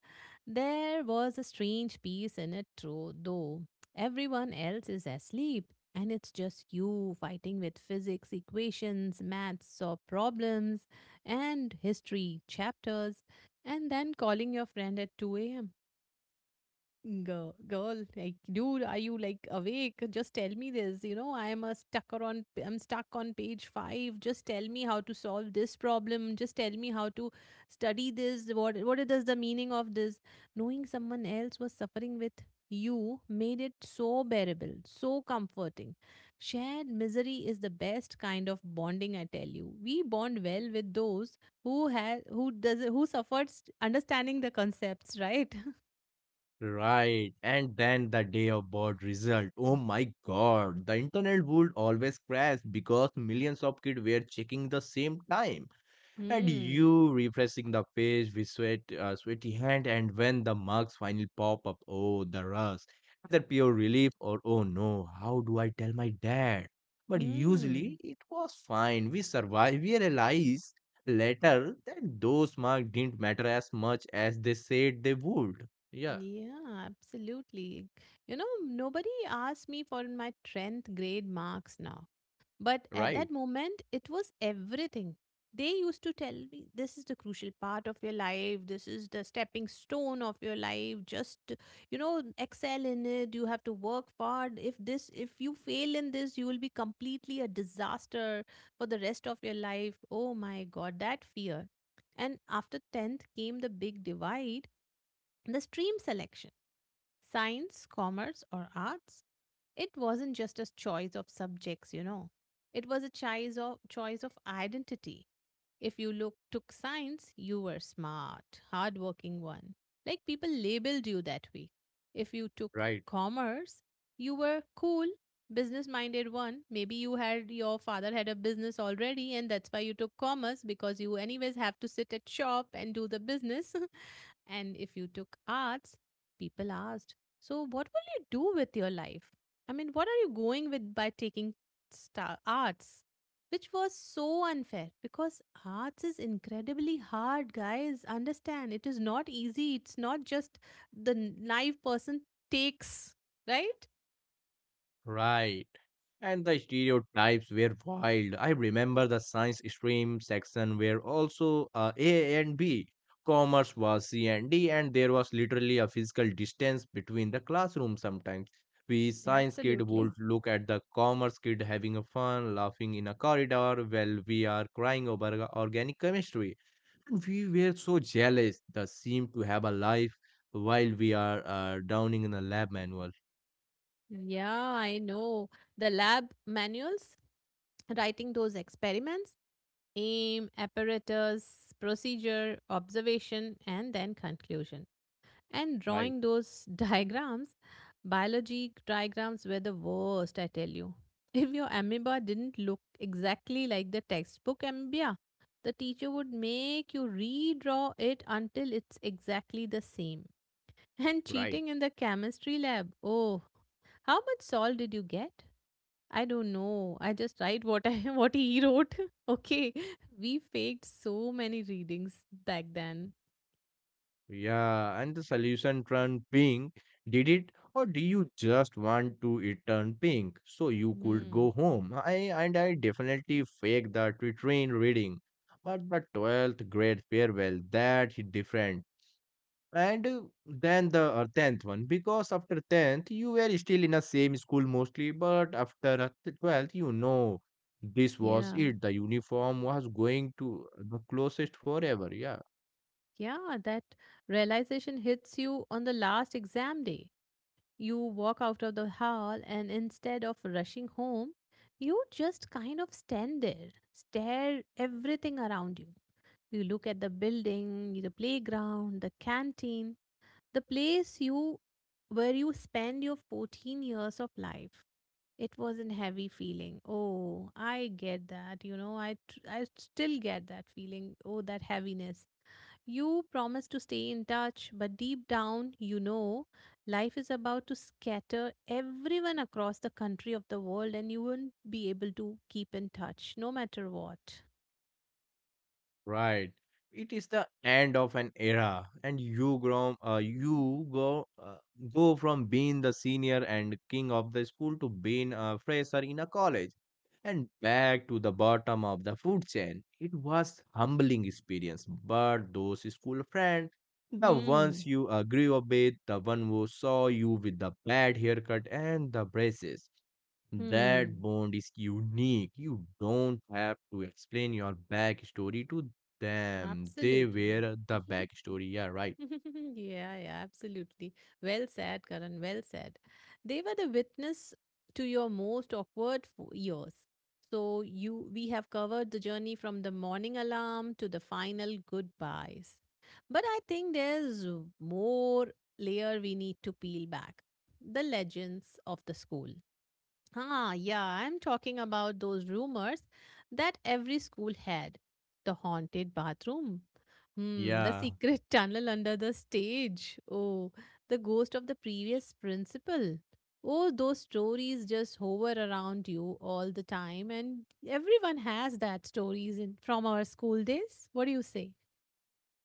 [SPEAKER 1] There was a strange peace in it, though. Everyone else is asleep, and it's just you fighting with physics equations, maths or problems, and history chapters, and then calling your friend at 2 a.m. Like, dude, are you like awake? Just tell me this. You know, I'm a stucker on. I'm stuck on page five. Just tell me how to solve this problem. Just tell me how to study this. What it is the meaning of this? Knowing someone else was suffering with you made it so bearable, so comforting. Shared misery is the best kind of bonding. I tell you, we bond well with those who had who does who suffers understanding the concepts, right?
[SPEAKER 2] Right, and then the day of board result. Oh my god, the internet would always crash because millions of kids were checking the same time, and
[SPEAKER 1] Hmm.
[SPEAKER 2] you refreshing the page with sweat, sweaty hand. And when the marks finally pop up, oh the rush, either pure relief or oh no, how do I tell my dad? But
[SPEAKER 1] Hmm.
[SPEAKER 2] usually it was fine. We survived. We realized later that those marks didn't matter as much as they said they would. Yeah,
[SPEAKER 1] Yeah, absolutely. You know, nobody asked me for my 10th grade marks now. But at
[SPEAKER 2] right.
[SPEAKER 1] that moment, it was everything. They used to tell me this is the crucial part of your life, this is the stepping stone of your life. Just, you know, excel in it. You have to work hard. If you fail in this, you will be completely a disaster for the rest of your life. Oh my God, that fear. And after 10th came the big divide. The stream selection, science, commerce, or arts. It wasn't just a choice of subjects, you know, it was a choice of identity. If you took science, you were smart, hardworking one. Like people labeled you that way. If you took
[SPEAKER 2] Right,
[SPEAKER 1] commerce, you were cool, business minded one. Maybe your father had a business already, and that's why you took commerce because you anyways have to sit at shop and do the business. And if you took arts, people asked, so, what will you do with your life? I mean, what are you going with by taking arts? Which was so unfair because arts is incredibly hard, guys. Understand, it is not easy. It's not just the naive person takes, right?
[SPEAKER 2] right. And the stereotypes were wild. I remember the science stream section were also A and B. Commerce was C and D, and there was literally a physical distance between the classrooms sometimes. We science kid would
[SPEAKER 1] Absolutely.
[SPEAKER 2] look at the commerce kid having a fun, laughing in a corridor while we are crying over the organic chemistry. And we were so jealous. They seemed to have a life while we are downing in a lab manual.
[SPEAKER 1] Yeah, I know. The lab manuals, writing those experiments, aim, apparatus, procedure, observation, and then conclusion. And
[SPEAKER 2] Right,
[SPEAKER 1] drawing those diagrams, biology diagrams were the worst, I tell you. If your amoeba didn't look exactly like the textbook amoeba, the teacher would make you redraw it until it's exactly the same. And
[SPEAKER 2] right.
[SPEAKER 1] cheating in the chemistry lab. Oh, how much salt did you get? I don't know. I just write what I what he wrote. okay. We faked so many readings back then.
[SPEAKER 2] Yeah, and the solution turned pink. Did it, or do you just want to it turn pink so you could go
[SPEAKER 1] Hmm.
[SPEAKER 2] home? I, and I definitely faked the train reading, but the 12th grade farewell that hit different. And then the tenth one, because after tenth you were still in the same school mostly, but after 12th, you know, this was
[SPEAKER 1] Yeah.
[SPEAKER 2] it. The uniform was going to the closest forever. Yeah.
[SPEAKER 1] Yeah, that realization hits you on the last exam day. You walk out of the hall and instead of rushing home, you just kind of stand there, stare everything around you. You look at the building, the playground, the canteen, the place you where you spend your 14 years of life. It was not heavy feeling. Oh, I get that. You know, I still get that feeling. Oh, that heaviness. You promised to stay in touch, but deep down, you know, life is about to scatter everyone across the country of the world, and you won't be able to keep in touch, no matter what.
[SPEAKER 2] Right. It is the end of an era, and you go from being the senior and king of the school to being a fresher in a college, and back to the bottom of the food chain. It was humbling experience, but those school friends, the
[SPEAKER 1] Hmm.
[SPEAKER 2] ones you grew up with, the one who saw you with the bad haircut and the braces, that
[SPEAKER 1] Hmm.
[SPEAKER 2] bond is unique. You don't have to explain your backstory to. Damn, they
[SPEAKER 1] Absolutely.
[SPEAKER 2] were the backstory. Yeah, right.
[SPEAKER 1] Yeah, yeah, absolutely. Well said, Karan. Well said. They were the witness to your most awkward years. So you, we have covered the journey from the morning alarm to the final goodbyes. But I think there's more layer we need to peel back. The legends of the school. Ah, yeah, I'm talking about those rumors that every school had. The haunted bathroom. Hmm, the
[SPEAKER 2] Yeah,
[SPEAKER 1] secret tunnel under the stage. Oh, the ghost of the previous principal. Oh, those stories just hover around you all the time, and everyone has that stories in from our school days. What do you say?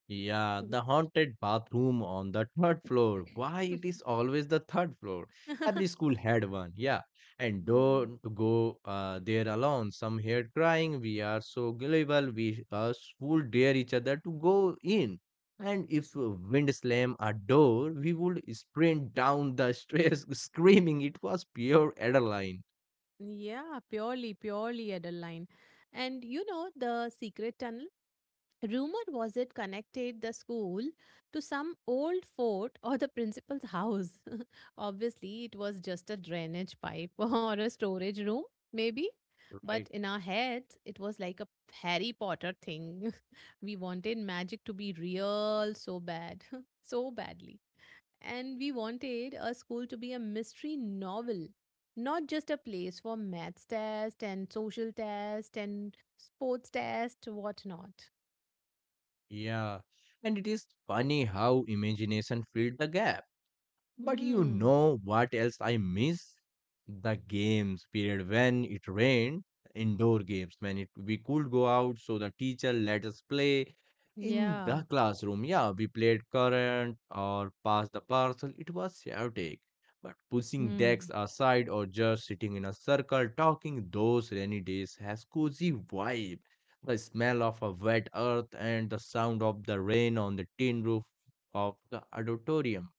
[SPEAKER 2] yeah. The haunted bathroom on the third floor. Why it is always the third floor? Every school had one. Yeah, and
[SPEAKER 1] Yeah.
[SPEAKER 2] don't go there alone. Some heard crying. We are so gullible. We us would dare each other to go in. And if a wind slam a door, we would sprint down the stairs screaming. It was pure adrenaline,
[SPEAKER 1] Yeah, purely Adeline. And you know, the secret tunnel rumor was it connected the school to some old fort or the principal's house. Obviously, it was just a drainage pipe or a storage room, maybe.
[SPEAKER 2] right?
[SPEAKER 1] But in our heads, it was like a Harry Potter thing. We wanted magic to be real so bad, so badly. And we wanted our school to be a mystery novel, not just a place for maths test and social test and sports test, whatnot.
[SPEAKER 2] Yeah, and it is funny how imagination filled the gap. But you
[SPEAKER 1] Hmm.
[SPEAKER 2] know what else I miss? The games period when it rained, indoor games when it we could go out, so the teacher let us play in
[SPEAKER 1] Yeah.
[SPEAKER 2] the classroom. Yeah, we played current or pass the parcel. It was chaotic. But pushing decks
[SPEAKER 1] Hmm.
[SPEAKER 2] aside or just sitting in a circle talking, those rainy days has cozy vibe. The smell of a wet earth and the sound of the rain on the tin roof of the auditorium,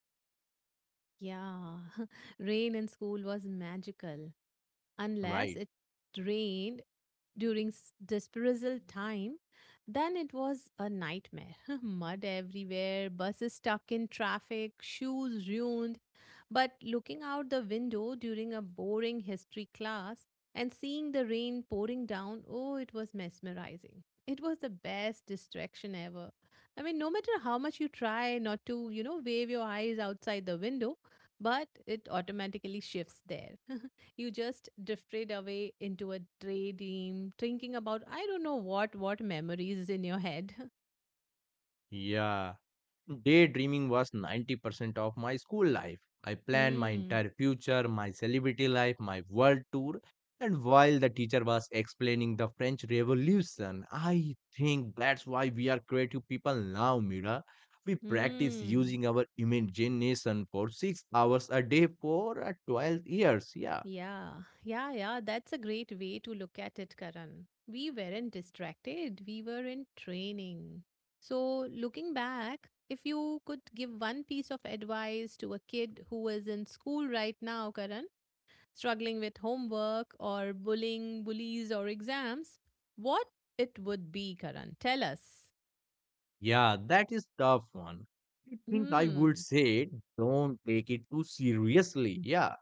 [SPEAKER 1] Yeah. Rain in school was magical, unless
[SPEAKER 2] right?
[SPEAKER 1] it rained during dispersal time. Then it was a nightmare. Mud everywhere, buses stuck in traffic, shoes ruined, but looking out the window during a boring history class and seeing the rain pouring down, oh, it was mesmerizing. It was the best distraction ever. I mean, no matter how much you try not to, wave your eyes outside the window, but it automatically shifts there. You just drifted away into a daydream, thinking about I don't know what memories is in your head.
[SPEAKER 2] Yeah, daydreaming was 90% of my school life. I planned my
[SPEAKER 1] Hmm.
[SPEAKER 2] entire future, my celebrity life, my world tour, and while the teacher was explaining the French Revolution, I think that's why we are creative people now, Mira. We practice
[SPEAKER 1] Hmm.
[SPEAKER 2] using our imagination for 6 hours a day for 12 years. Yeah,
[SPEAKER 1] Yeah, yeah. That's a great way to look at it, Karan. We weren't distracted, we were in training. So, looking back, if you could give one piece of advice to a kid who is in school right now, Karan, struggling with homework or bullying, bullies, or exams, what it would be, Karan? Tell us.
[SPEAKER 2] yeah, that is tough one. I think I would
[SPEAKER 1] Hmm.
[SPEAKER 2] say don't take it too seriously. Yeah.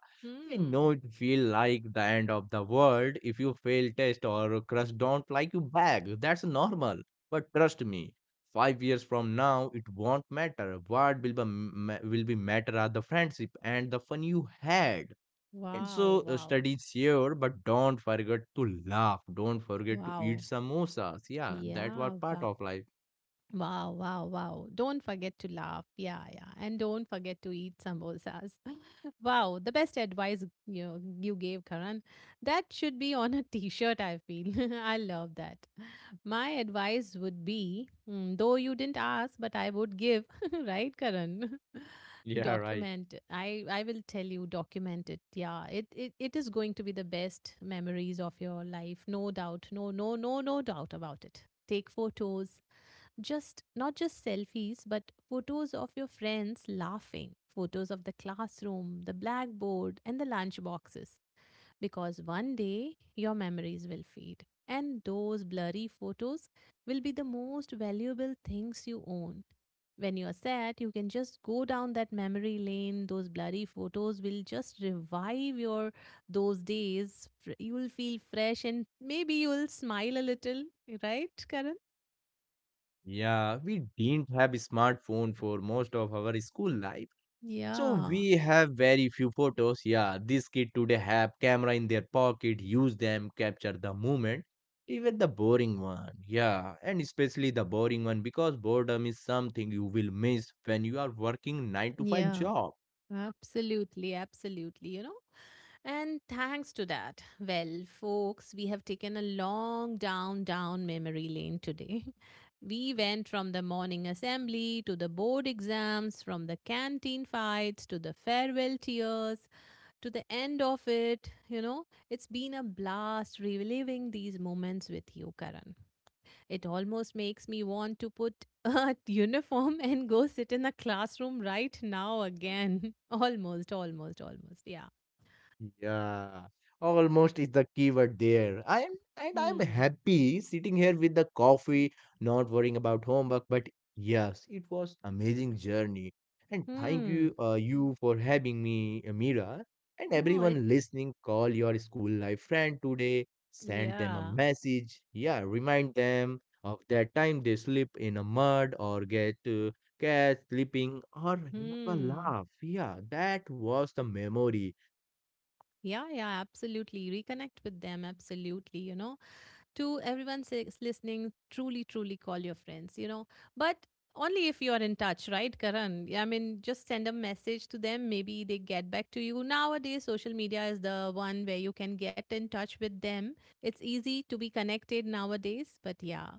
[SPEAKER 2] I know
[SPEAKER 1] Hmm.
[SPEAKER 2] it feel like the end of the world if you fail test or crush don't like you back. That's normal. But trust me, 5 years from now it won't matter. What will be matter are the friendship and the fun you had. And
[SPEAKER 1] Wow,
[SPEAKER 2] so
[SPEAKER 1] wow,
[SPEAKER 2] study sure, but don't forget to laugh. Don't forget to eat
[SPEAKER 1] wow.
[SPEAKER 2] samosas. Yeah, that was
[SPEAKER 1] Yeah,
[SPEAKER 2] part
[SPEAKER 1] wow.
[SPEAKER 2] of life.
[SPEAKER 1] Wow, wow, wow. Don't forget to laugh. Yeah, yeah. And don't forget to eat samosas. Wow, the best advice you know, you gave Karan. That should be on a t-shirt, I feel. I love that. My advice would be, though you didn't ask, but I would give, right, Karan?
[SPEAKER 2] Yeah, right.
[SPEAKER 1] Document, I will tell you, document it. Yeah, it is going to be the best memories of your life. No doubt, no doubt about it. Take photos, just not just selfies, but photos of your friends laughing, photos of the classroom, the blackboard, and the lunch boxes, because one day your memories will fade, and those blurry photos will be the most valuable things you own. When you are sad, you can just go down that memory lane. Those blurry photos will just revive your those days. You will feel fresh and maybe you will smile a little, right, Karan?
[SPEAKER 2] Yeah, we didn't have a smartphone for most of our school life, so
[SPEAKER 1] Yeah.
[SPEAKER 2] we have very few photos. Yeah, these kids today have camera in their pocket, use them, capture the moment, even the boring one. Yeah, and especially the boring one because boredom is something you will miss when you are working 9 to 5
[SPEAKER 1] Yeah,
[SPEAKER 2] job.
[SPEAKER 1] absolutely, you know. And thanks to that, well, folks, we have taken a long down memory lane today. We went from the morning assembly to the board exams, from the canteen fights to the farewell tears to the end of it. You know, it's been a blast reliving these moments with you, Karan. It almost makes me want to put a uniform and go sit in a classroom right now again. Almost. Yeah.
[SPEAKER 2] Yeah, almost is the keyword there. I'm
[SPEAKER 1] Hmm.
[SPEAKER 2] happy sitting here with the coffee, not worrying about homework. But yes, it was amazing journey, and thank
[SPEAKER 1] Hmm.
[SPEAKER 2] you, you for having me, Amira, and
[SPEAKER 1] Oh, it.
[SPEAKER 2] everyone listening. Call your school life friend today. Send them a
[SPEAKER 1] Yeah.
[SPEAKER 2] message. Yeah, remind them of that time they slip in a mud or get catch slipping or have a
[SPEAKER 1] Hmm.
[SPEAKER 2] laugh. Yeah, that was the memory.
[SPEAKER 1] Yeah, yeah, absolutely. Reconnect with them, absolutely, you know. To everyone listening, truly call your friends, you know. But only if you are in touch, right, Karan? I mean, just send a message to them. Maybe they get back to you. Nowadays, social media is the one where you can get in touch with them. It's easy to be connected nowadays. But yeah,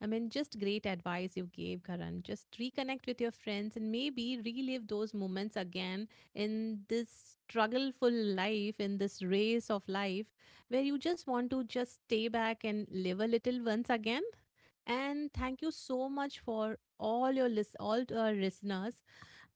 [SPEAKER 1] I mean, just great advice you gave, Karan. Just reconnect with your friends and maybe relive those moments again in this struggleful life, in this race of life where you just want to just stay back and live a little once again. And thank you so much for all your list, all to our listeners,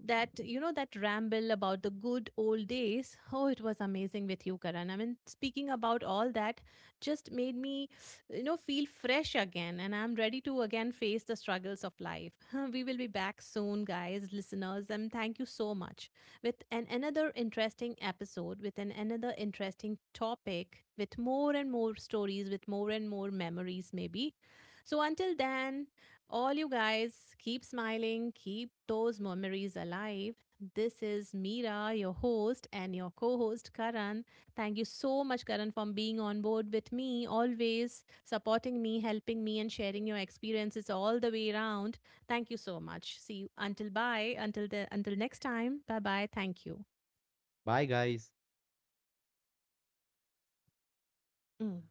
[SPEAKER 1] that you know, that ramble about the good old days. Oh, it was amazing with you, Karan. I mean, speaking about all that just made me, you know, feel fresh again, and I'm ready to again face the struggles of life. We will be back soon, guys, listeners, and thank you so much with an another interesting episode, with an another interesting topic, with more and more stories, with more and more memories, maybe. So until then, all you guys, keep smiling, keep those memories alive. This is Mira, your host, and your co host, Karan. Thank you so much, Karan, for being on board with me, always supporting me, helping me, and sharing your experiences all the way around. Thank you so much. See you until bye, until, the, until next time. Bye bye. Thank you.
[SPEAKER 2] Bye, guys.
[SPEAKER 1] Mm.